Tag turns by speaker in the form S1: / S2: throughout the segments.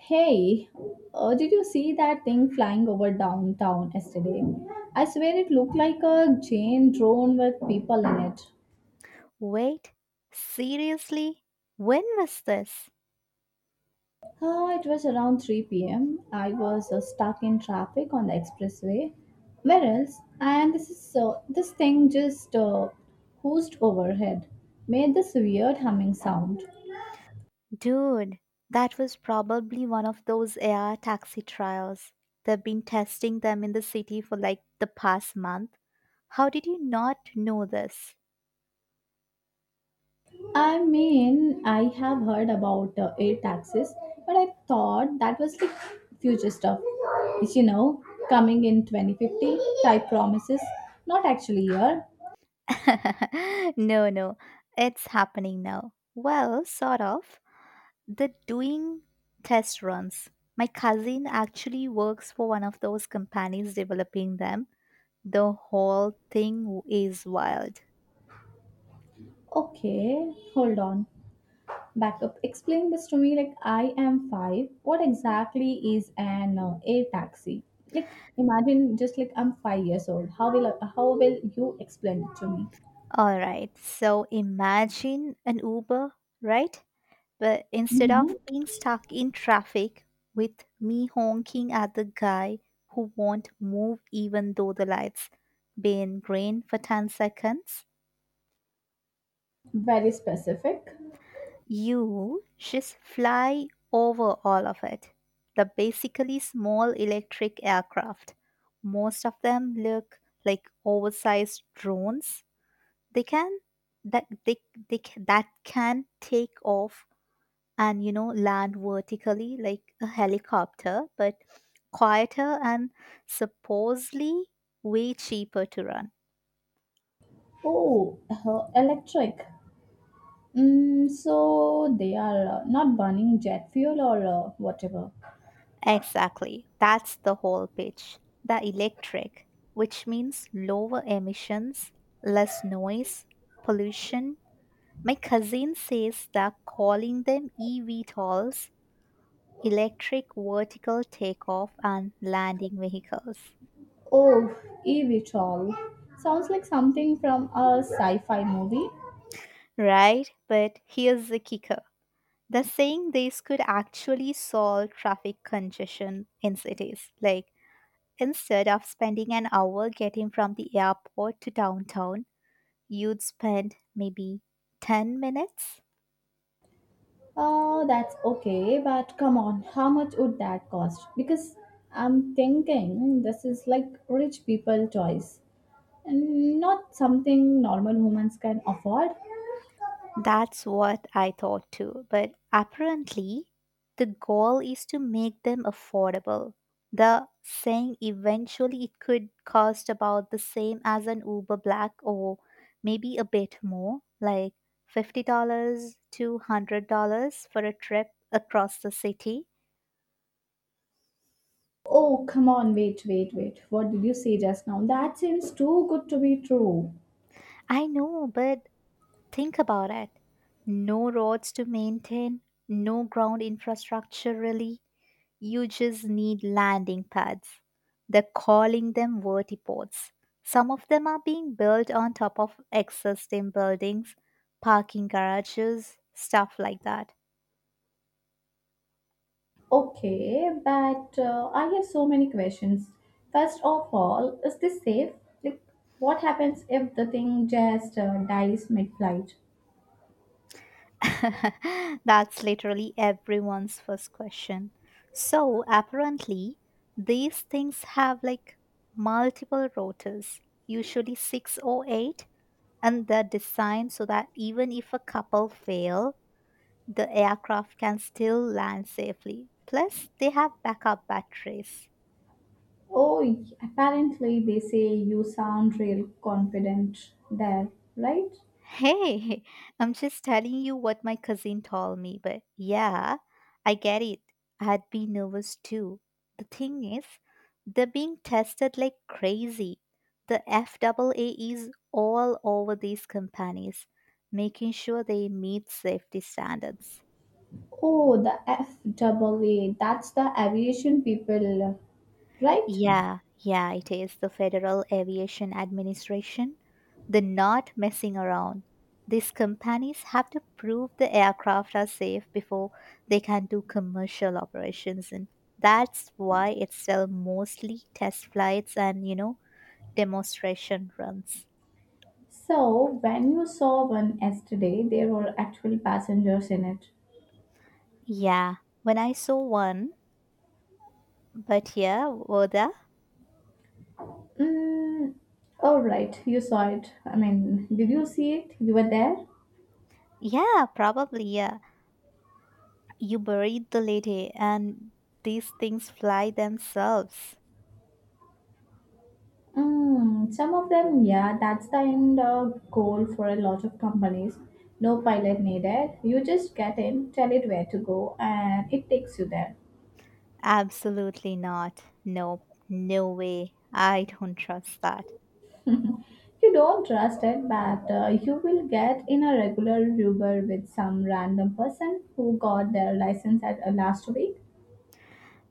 S1: Hey, did you see that thing flying over downtown yesterday? I swear it looked like a Jane drone with people in it.
S2: Wait, seriously? When was this?
S1: It was around 3 pm. I was stuck in traffic on the expressway. Whereas, and this thing just hoosed overhead, made this weird humming sound.
S2: Dude, that was probably one of those AR taxi trials. They've been testing them in the city for like the past month. How did you not know this?
S1: I mean, I have heard about air taxis, but I thought that was like future stuff. It's coming in 2050 type promises, not actually here.
S2: No, no, it's happening now. Well, sort of. They're doing test runs. My cousin actually works for one of those companies developing them. The whole thing is wild.
S1: Okay, hold on. Back up. Explain this to me like I am five. What exactly is an air taxi? Like, imagine just like I'm 5 years old. How will you explain it to me?
S2: All right. So imagine an Uber, right? But instead of
S1: Mm-hmm.
S2: being stuck in traffic with me honking at the guy who won't move even though the lights been green for 10 seconds,
S1: Very specific.
S2: you just fly over all of it. The Basically small electric aircraft. Most of them look like oversized drones. They can that they ca- that can take off and you know land vertically like a helicopter, but quieter and supposedly way cheaper to run.
S1: Oh, electric. So they are not burning jet fuel or whatever.
S2: Exactly, that's the whole pitch. The electric, which means lower emissions, less noise pollution. My cousin says they're calling them evtols, electric vertical takeoff and landing vehicles.
S1: Oh, eVTOL. Sounds like something from a sci-fi movie.
S2: Right, but here's the kicker. They're saying this could actually solve traffic congestion in cities. Like, instead of spending an hour getting from the airport to downtown, you'd spend maybe 10 minutes.
S1: That's okay, but come on, how much would that cost? Because I'm thinking this is like rich people toys, and not something normal humans can afford.
S2: That's what I thought too, but apparently the goal is to make them affordable. The saying eventually it could cost about the same as an Uber Black, or maybe a bit more, like $50 to $100 for a trip across the city.
S1: Oh, come on, wait, wait, wait. What did you say just now? That seems too good to be true.
S2: I know, but think about it. No roads to maintain, no ground infrastructure really, you just need landing pads. They're calling them vertiports. Some of them are being built on top of existing buildings, parking garages, stuff like that.
S1: Okay, but I have so many questions. First of all, is this safe? Like, what happens if the thing just dies mid-flight?
S2: That's literally everyone's first question. So, apparently, these things have like multiple rotors, usually six or eight, and they're designed so that even if a couple fail, the aircraft can still land safely. Plus, they have backup batteries.
S1: Oh, apparently they say you sound real confident there, right?
S2: Hey, I'm just telling you what my cousin told me, but yeah, I get it. I'd be nervous too. The thing is, they're being tested like crazy. The FAA is all over these companies, making sure they meet safety standards.
S1: Oh, the FAA, that's the aviation people, right?
S2: Yeah, yeah, it is the Federal Aviation Administration. They're not messing around. These companies have to prove the aircraft are safe before they can do commercial operations, and that's why it's still mostly test flights and, you know, demonstration runs.
S1: So, when you saw one yesterday, there were actual passengers in it.
S2: Yeah, when I saw one, but yeah, Oda,
S1: Mm, all right, you saw it. I mean, did you see it? You were there?
S2: yeah, probably, yeah. You buried the lady, and these things fly themselves.
S1: Some of them, yeah, that's the end goal for a lot of companies. No pilot needed. You just get in, tell it where to go, and it takes you there.
S2: Absolutely not. Nope. No way. I don't trust that.
S1: You don't trust it, but you will get in a regular Uber with some random person who got their license at last week.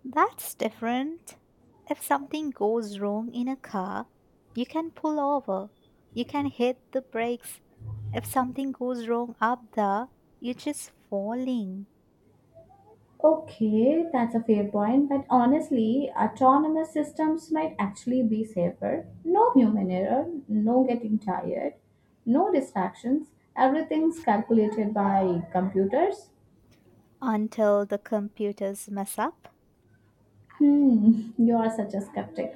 S2: That's different. If something goes wrong in a car, you can pull over. You can hit the brakes. If something goes wrong up there, you're just falling
S1: Okay, that's a fair point, but honestly, autonomous systems might actually be safer. No human error, no getting tired, no distractions, everything's calculated by computers.
S2: until the computers mess up.
S1: You are such a skeptic.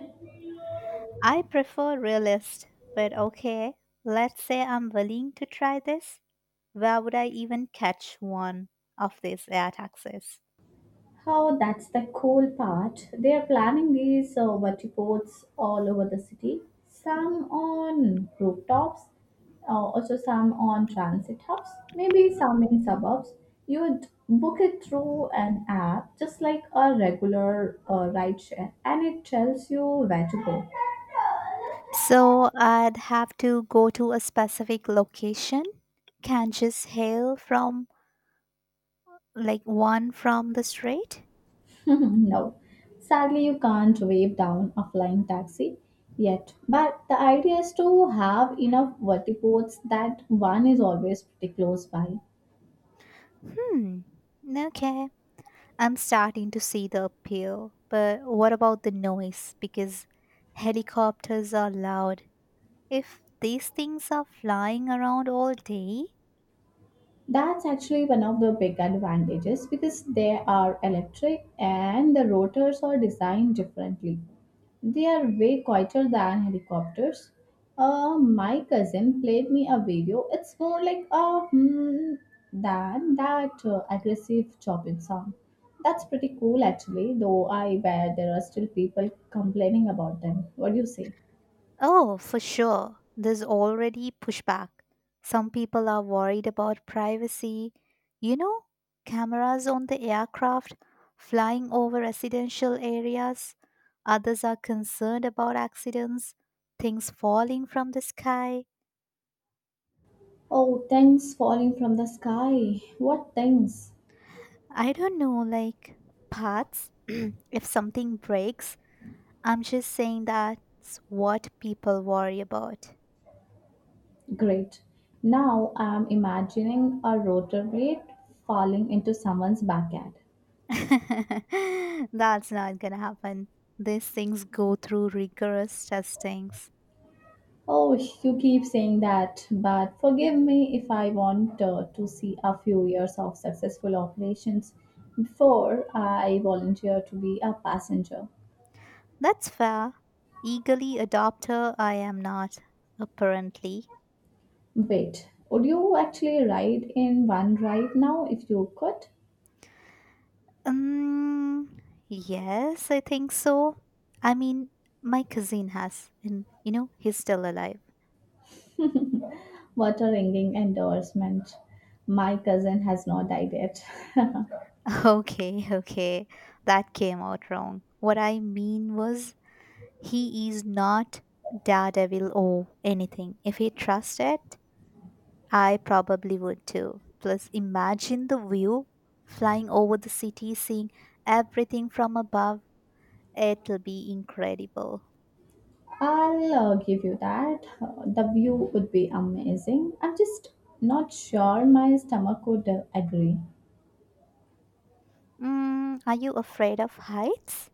S2: I prefer realist, but okay, let's say I'm willing to try this. Where would I even catch one of these air taxis?
S1: How that's the cool part. They are planning these vertiports all over the city. Some on rooftops, also some on transit hubs, maybe some in suburbs. You'd book it through an app, just like a regular ride share, and it tells you where to go.
S2: So I'd have to go to a specific location. Can't just hail from like one from the street.
S1: No, sadly, you can't wave down a flying taxi yet. But the idea is to have enough vertiports that one is always pretty close by.
S2: Hmm. Okay. I'm starting to see the appeal. But what about the noise? Because helicopters are loud. If these things are flying around all day.
S1: That's actually one of the big advantages because they are electric and the rotors are designed differently. They are way quieter than helicopters. My cousin played me a video. It's more like a hmm than that aggressive chopping sound. That's pretty cool actually, though I bet there are still people complaining about them. What do you say?
S2: Oh, for sure. There's already pushback. Some people are worried about privacy. You know, cameras on the aircraft flying over residential areas. Others are concerned about accidents, things falling from the sky.
S1: Oh, things falling from the sky. What things?
S2: I don't know, like parts. If something breaks, I'm just saying that's what people worry about.
S1: Great. Now I'm imagining a rotor blade falling into someone's backyard.
S2: That's not gonna happen. These things go through rigorous testings.
S1: Oh, you keep saying that, but forgive me if I want to see a few years of successful operations before I volunteer to be a passenger.
S2: That's fair. Eagerly adopter, I am not, apparently.
S1: Wait, would you actually ride in one right now if you could?
S2: Um, yes, I think so. I mean, my cousin has, and you know, he's still alive.
S1: What a ringing endorsement. My cousin has not died yet.
S2: Okay, okay, that came out wrong. What I mean was, he is not daredevil or anything. If he trusts it, I probably would too. Plus, imagine the view flying over the city, seeing everything from above. It'll be incredible.
S1: I'll give you that. The view would be amazing. I'm just not sure my stomach would agree.
S2: Mm, are you afraid of heights?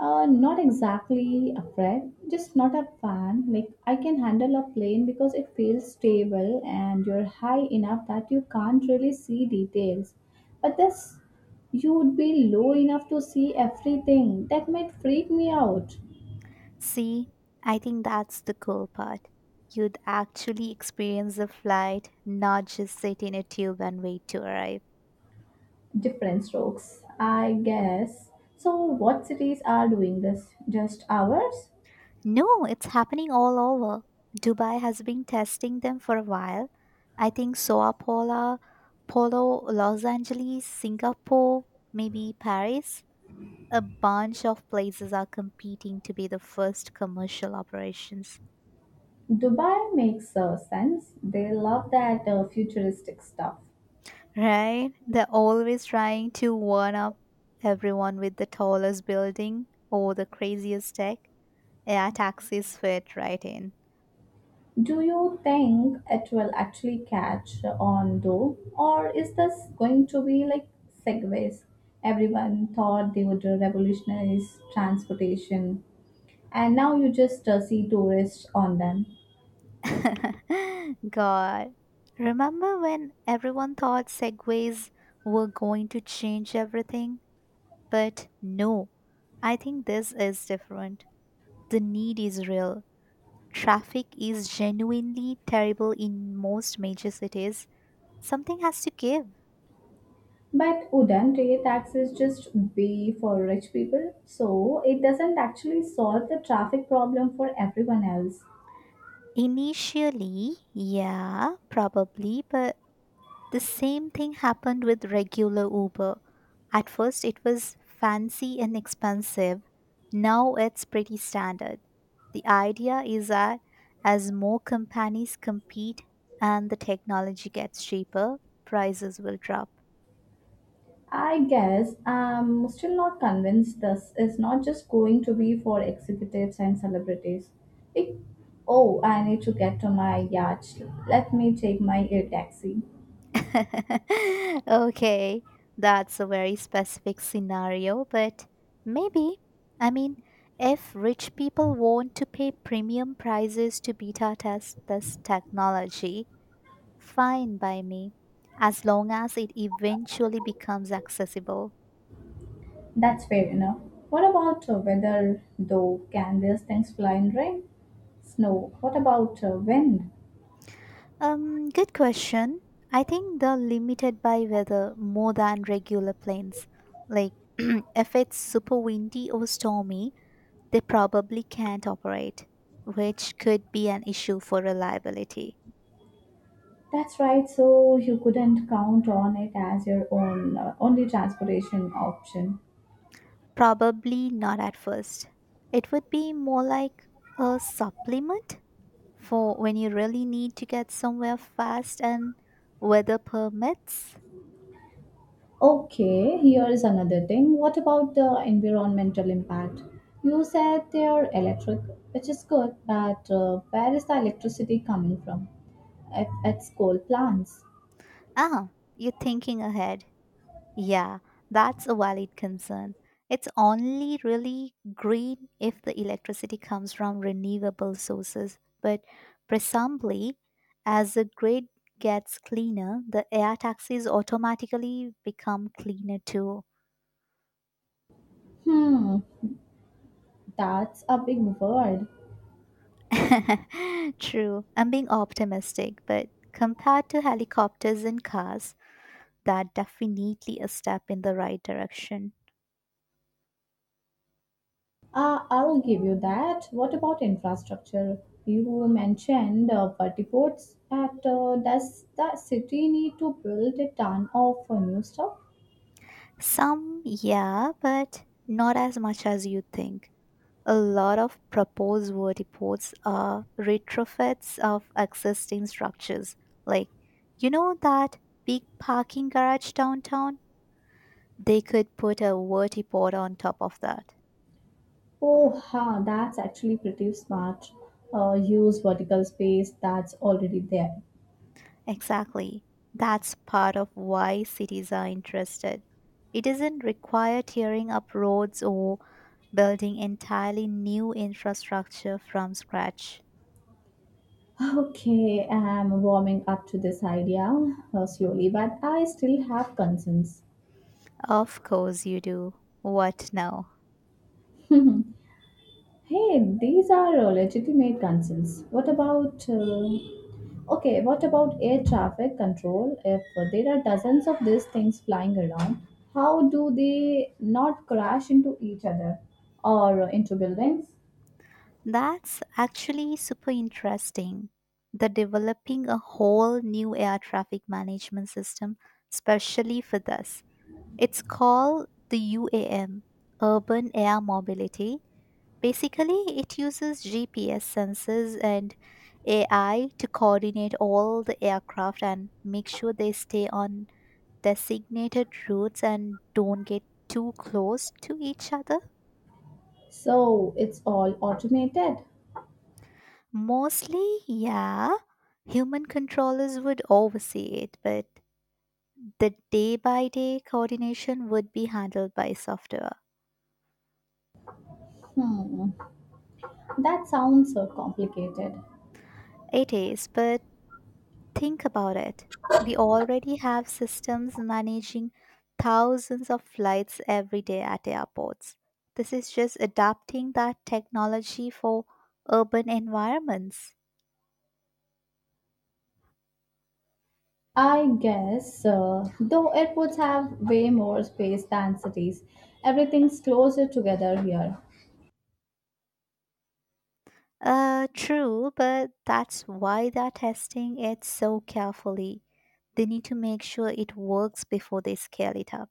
S1: Not exactly afraid, just not a fan. Like, I can handle a plane because it feels stable and you're high enough that you can't really see details. But this, you would be low enough to see everything. That might freak me out.
S2: See, I think that's the cool part. You'd actually experience the flight, not just sit in a tube and wait to arrive.
S1: Different strokes, I guess. So, what cities are doing this? Just ours?
S2: No, it's happening all over. Dubai has been testing them for a while. I think Sao Paulo, Polo, Los Angeles, Singapore, maybe Paris. A bunch of places are competing to be the first commercial operations.
S1: Dubai makes sense. They love that futuristic stuff.
S2: Right? They're always trying to one up everyone with the tallest building or the craziest tech. Yeah, taxis fit right in.
S1: Do you think it will actually catch on though? Or is this going to be like segways? Everyone thought they would revolutionize transportation, and now you just see tourists on them.
S2: God. Remember when everyone thought segways were going to change everything? But no, I think this is different. The need is real. Traffic is genuinely terrible in most major cities. Something has to give.
S1: But wouldn't rail taxes just be for rich people? So it doesn't actually solve the traffic problem for everyone else.
S2: Initially, yeah, probably, but the same thing happened with regular Uber. At first, it was fancy and expensive. Now it's pretty standard. The idea is that as more companies compete and the technology gets cheaper, prices will drop.
S1: I guess I'm still not convinced this is not just going to be for executives and celebrities. It, oh, I need to get to my yacht. Let me take my air taxi.
S2: Okay, that's a very specific scenario, but maybe. I mean, if rich people want to pay premium prices to beta test this technology, fine by me, as long as it eventually becomes accessible.
S1: That's fair enough. What about weather, though? Can these things fly in rain? Snow. What about wind?
S2: Good question. I think they're limited by weather more than regular planes. Like, if it's super windy or stormy, they probably can't operate, which could be an issue for reliability.
S1: That's right, so you couldn't count on it as your own only transportation option.
S2: Probably not at first. It would be more like a supplement for when you really need to get somewhere fast and weather permits.
S1: Okay, here is another thing. What about the environmental impact? You said they are electric, which is good, but where is the electricity coming from? If it's coal plants.
S2: Ah, you're thinking ahead. Yeah, that's a valid concern. It's only really green if the electricity comes from renewable sources, but presumably, as the grid gets cleaner, the air taxis automatically become cleaner too.
S1: Hmm, that's a big word.
S2: True, I'm being optimistic, but compared to helicopters and cars, that definitely a step in the right direction.
S1: I'll give you that. What about infrastructure? You mentioned petty ports, but does the city need to build a ton of new stuff?
S2: Some, yeah, but not as much as you think. A lot of proposed vertiports are retrofits of existing structures. Like, you know that big parking garage downtown? They could put a vertiport on top of that.
S1: Oh, ha, that's actually pretty smart. Use vertical space that's already there.
S2: Exactly. That's part of why cities are interested. It doesn't require tearing up roads or building entirely new infrastructure from scratch.
S1: Okay, I'm warming up to this idea slowly, but I still have concerns.
S2: Of course you do. What now?
S1: Hey, these are legitimate concerns. What about. Okay, what about air traffic control? If there are dozens of these things flying around, how do they not crash into each other or into buildings?
S2: That's actually super interesting. They're developing a whole new air traffic management system specially for this. It's called the UAM, Urban Air Mobility. Basically, it uses GPS sensors and AI to coordinate all the aircraft and make sure they stay on designated routes and don't get too close to each other.
S1: So it's all automated.
S2: Mostly, yeah. Human controllers would oversee it, but the day by day coordination would be handled by software.
S1: Hmm, that sounds so complicated.
S2: It is, but think about it. We already have systems managing thousands of flights every day at airports. This is just adapting that technology for urban environments.
S1: I guess, though airports have way more space than cities, everything's closer together here.
S2: True, but that's why they're testing it so carefully. They need to make sure it works before they scale it up.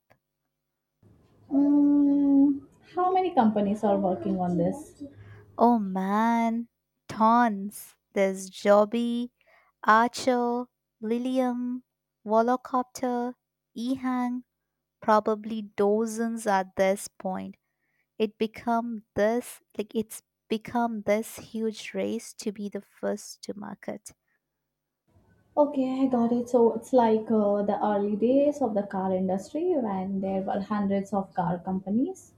S1: Hmm, how many companies are working on this?
S2: Oh man, tons. There's Jobby, Archer, Lilium, Volocopter, Ehang, probably dozens at this point. It become this like it's become this huge race to be the first to market.
S1: Okay, I got it. So it's like the early days of the car industry when there were hundreds of car companies.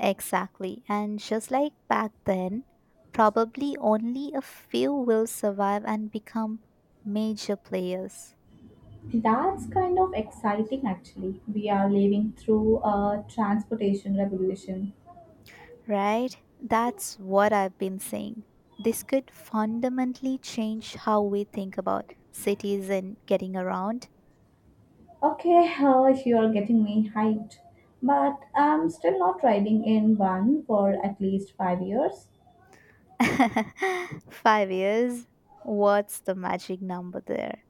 S2: Exactly. And just like back then, probably only a few will survive and become major players,
S1: That's kind of exciting, actually. We are living through a transportation revolution.
S2: right? That's what I've been saying. This could fundamentally change how we think about cities and getting around.
S1: Okay, you're getting me hyped, but I'm still not riding in one for at least 5 years.
S2: 5 years? What's the magic number there?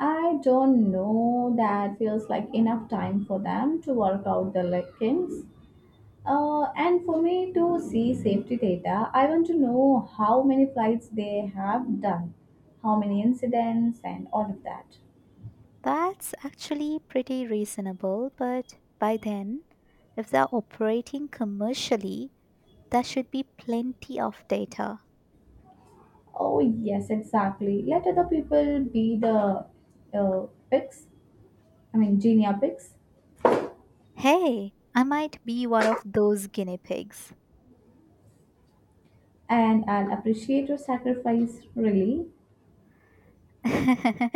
S1: I don't know that feels like enough time for them to work out the lickings. And for me to see safety data, I want to know how many flights they have done, how many incidents, and all of that.
S2: That's actually pretty reasonable, but by then, if they're operating commercially, there should be plenty of data.
S1: Oh, yes, exactly. Let other people be the picks, I mean, genia picks.
S2: Hey, I might be one of those guinea pigs.
S1: And I'll appreciate your sacrifice really.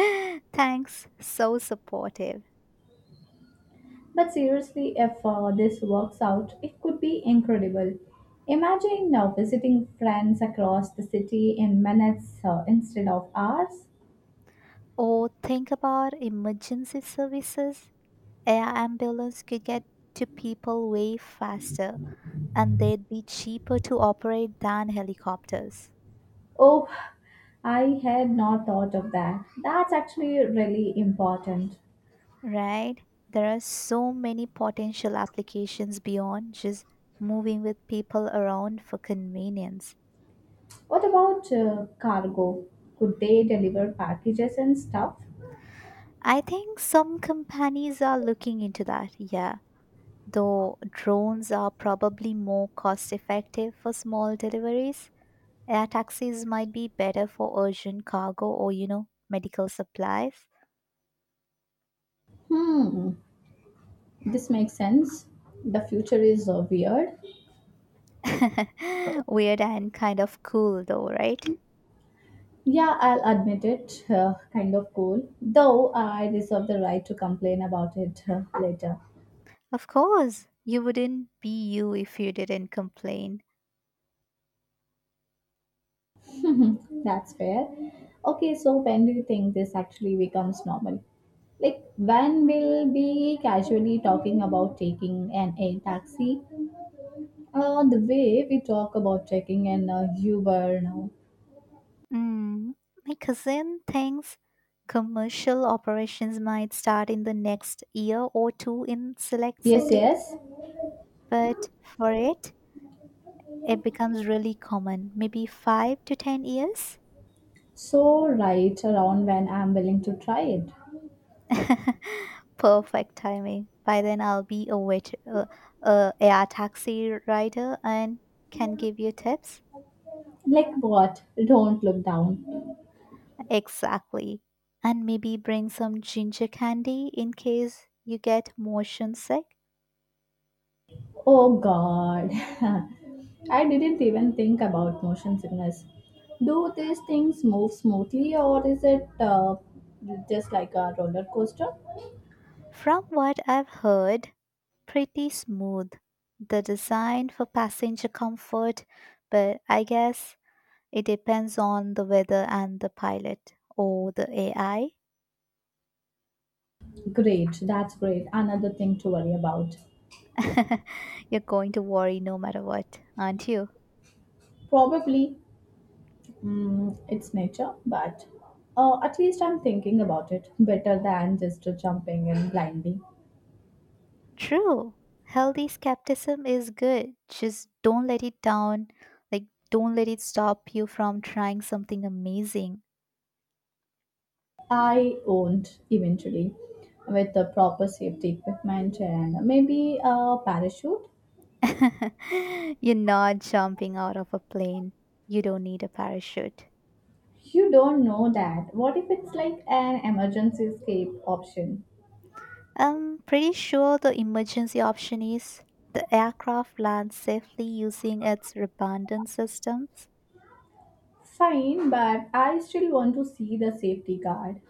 S2: Thanks, so supportive.
S1: But seriously, if this works out, it could be incredible. Imagine now visiting friends across the city in minutes instead of hours.
S2: Or think about emergency services. Air ambulance could get to people way faster and they'd be cheaper to operate than helicopters.
S1: Oh, I had not thought of that. That's actually really important.
S2: Right? There are so many potential applications beyond just moving with people around for convenience.
S1: What about cargo? Could they deliver packages and stuff?
S2: I think some companies are looking into that, yeah. Though drones are probably more cost effective for small deliveries, air taxis might be better for urgent cargo or, you know, medical supplies.
S1: Hmm, this makes sense. The future is weird.
S2: Weird and kind of cool, though, right?
S1: Yeah, I'll admit it, kind of cool. Though I reserve the right to complain about it later.
S2: Of course, you wouldn't be you if you didn't complain.
S1: That's fair. Okay, so when do you think this actually becomes normal? Like, when we'll be casually talking about taking an air taxi? The way we talk about taking an Uber now.
S2: Mm, my cousin thinks commercial operations might start in the next year or two in select
S1: Yes,
S2: cities.
S1: yes.
S2: But for it, it becomes really common, maybe five to 10 years.
S1: So, right around when I'm willing to try it.
S2: Perfect timing. By then, I'll be a taxi rider and can give you tips.
S1: Like, what? Don't look down.
S2: Exactly. And maybe bring some ginger candy in case you get motion sick.
S1: Oh god. I didn't even think about motion sickness. Do these things move smoothly or is it just like a roller coaster?
S2: From what I've heard, pretty smooth. The design for passenger comfort, but I guess it depends on the weather and the pilot or the AI.
S1: Great, that's great. Another thing to worry about.
S2: You're going to worry no matter what, aren't you?
S1: Probably it's nature, but at least I'm thinking about it better than just jumping in blindly.
S2: True. Healthy skepticism is good. Just don't let it down. Like, don't let it stop you from trying something amazing.
S1: I won't eventually with the proper safety equipment and maybe a parachute.
S2: You're not jumping out of a plane. You don't need a parachute.
S1: You don't know that. What if it's like an emergency escape option?
S2: I'm pretty sure the emergency option is the aircraft lands safely using its redundant systems.
S1: Fine, but I still want to see the safety guard.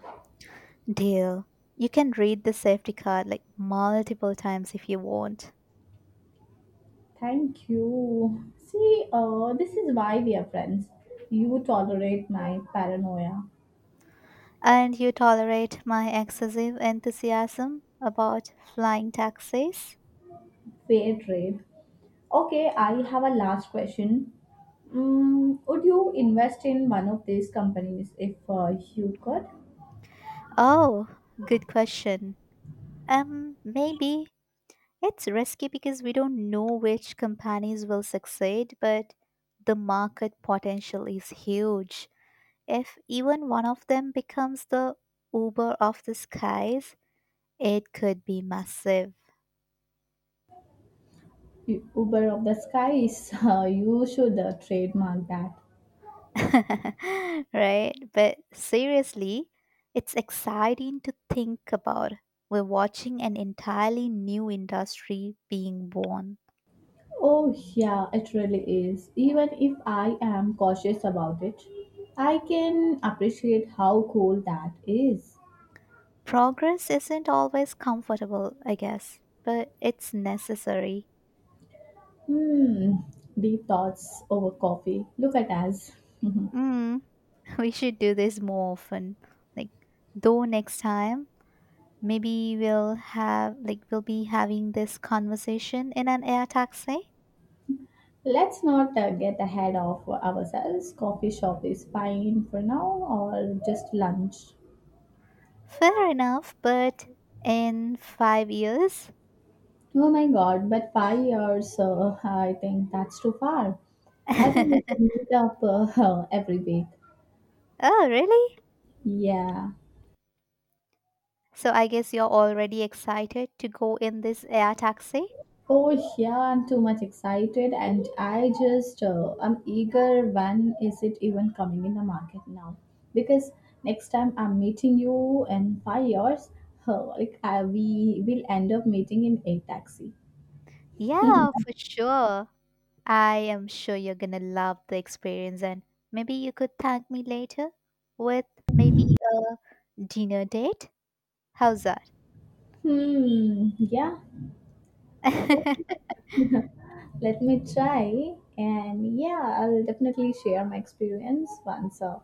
S2: Deal. You can read the safety card like multiple times if you want.
S1: Thank you. See, this is why we are friends. You tolerate my paranoia.
S2: And you tolerate my excessive enthusiasm about flying taxis?
S1: Fair trade. Okay, I have a last question. Would you invest in one of these companies if you could?
S2: Oh, good question. Maybe. It's risky because we don't know which companies will succeed, but the market potential is huge. If even one of them becomes the Uber of the skies, it could be massive.
S1: Uber of the skies. You should trademark that.
S2: Right? But seriously, it's exciting to think about. We're watching an entirely new industry being born.
S1: Oh, yeah, it really is. Even if I am cautious about it, I can appreciate how cool that is.
S2: Progress isn't always comfortable, I guess, but it's necessary.
S1: Hmm, Deep thoughts over coffee. Look at us.
S2: Mm, we should do this more often. Like, though next time, maybe we'll have, like, we'll be having this conversation in an air taxi.
S1: Let's not get ahead of ourselves. Coffee shop is fine for now or just lunch.
S2: Fair enough, but in 5 years.
S1: Oh my god, but 5 years, so, I think that's too far. I think we should meet up every week.
S2: Oh, really?
S1: Yeah.
S2: So I guess you're already excited to go in this air taxi?
S1: Oh yeah, I'm too much excited, and I'm eager. When is it even coming in the market now? Because next time I'm meeting you in 5 years, we will end up meeting in a taxi.
S2: Yeah, for sure. I am sure you're gonna love the experience, and maybe you could thank me later with maybe a dinner date. How's that?
S1: Hmm. Yeah. Let me try, and yeah, I'll definitely share my experience once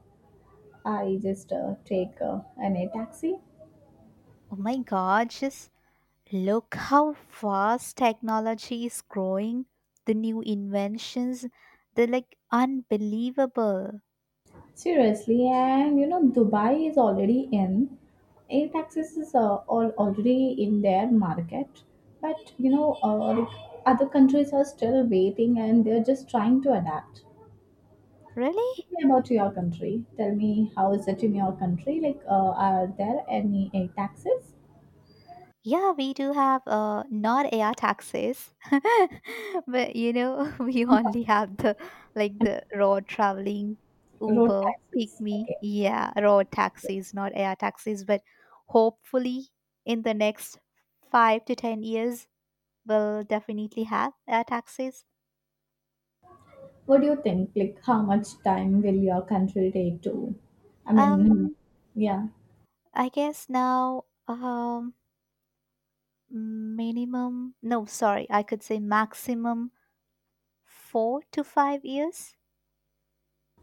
S1: I just take an a taxi.
S2: Oh my god, just look how fast technology is growing. The new inventions, they're like unbelievable.
S1: Seriously, and Dubai is already in. Air Airtaxis is all already in their market, but like other countries are still waiting and they're just trying to adapt.
S2: Really?
S1: Tell me about your country. Tell me how is it in your country? Like, are there any air taxes?
S2: Yeah, we do have not air taxis, but you know we only have the like
S1: And
S2: the road traveling
S1: Road
S2: Uber, pick
S1: taxes.
S2: me,
S1: Okay.
S2: yeah, road taxis, not air taxis. But hopefully, in the next 5 to 10 years, we'll definitely have air taxis.
S1: What do you think? Like, how much time will your country take to? I mean,
S2: Um,
S1: yeah.
S2: I guess now, minimum, no, sorry, I could say maximum 4 to 5 years.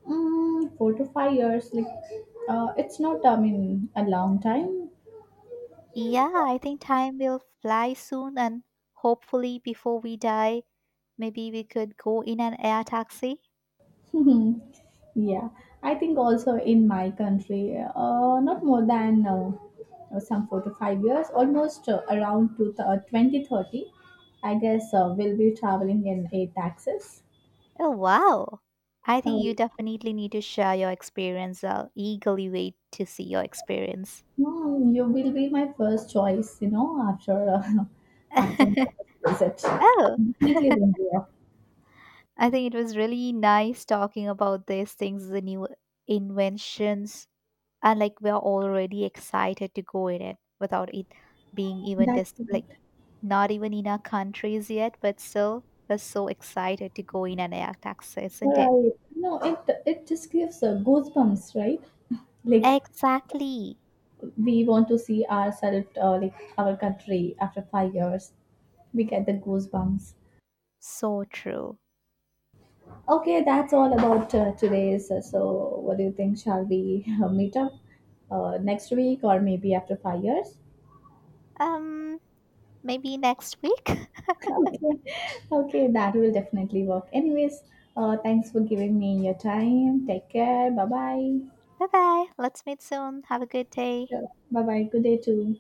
S1: 4 to 5 years, like it's not. I mean, a long time.
S2: Yeah, I think time will fly soon, and hopefully, before we die, maybe we could go in an air taxi.
S1: Yeah, I think also in my country, not more than some 4 to 5 years, almost around to 2030. I guess we'll be traveling in eight taxes.
S2: Oh, wow. I think
S1: So
S2: you definitely need to share your experience. I'll eagerly wait to see your experience.
S1: you will be my first choice. You know, after after my visit,
S2: Oh,
S1: definitely India.
S2: I think it was really nice talking about these things, the new inventions, and like we're already excited to go in it without it being even
S1: That's good.
S2: like. Not even in our countries yet, but still, we're so excited to go in and act access, isn't it?
S1: Right. No, it just gives goosebumps, right? Like
S2: Exactly.
S1: we want to see ourselves, like our country after 5 years. We get the goosebumps.
S2: So true.
S1: Okay, that's all about today's. So, what do you think? Shall we meet up next week or maybe after 5 years?
S2: Um, Maybe next week. Bye
S1: Okay, okay, that will definitely work. Anyways, thanks for giving me your time. Take care. Bye bye.
S2: bye. Let's meet soon. Have a good day.
S1: Sure. Bye bye. Good day too.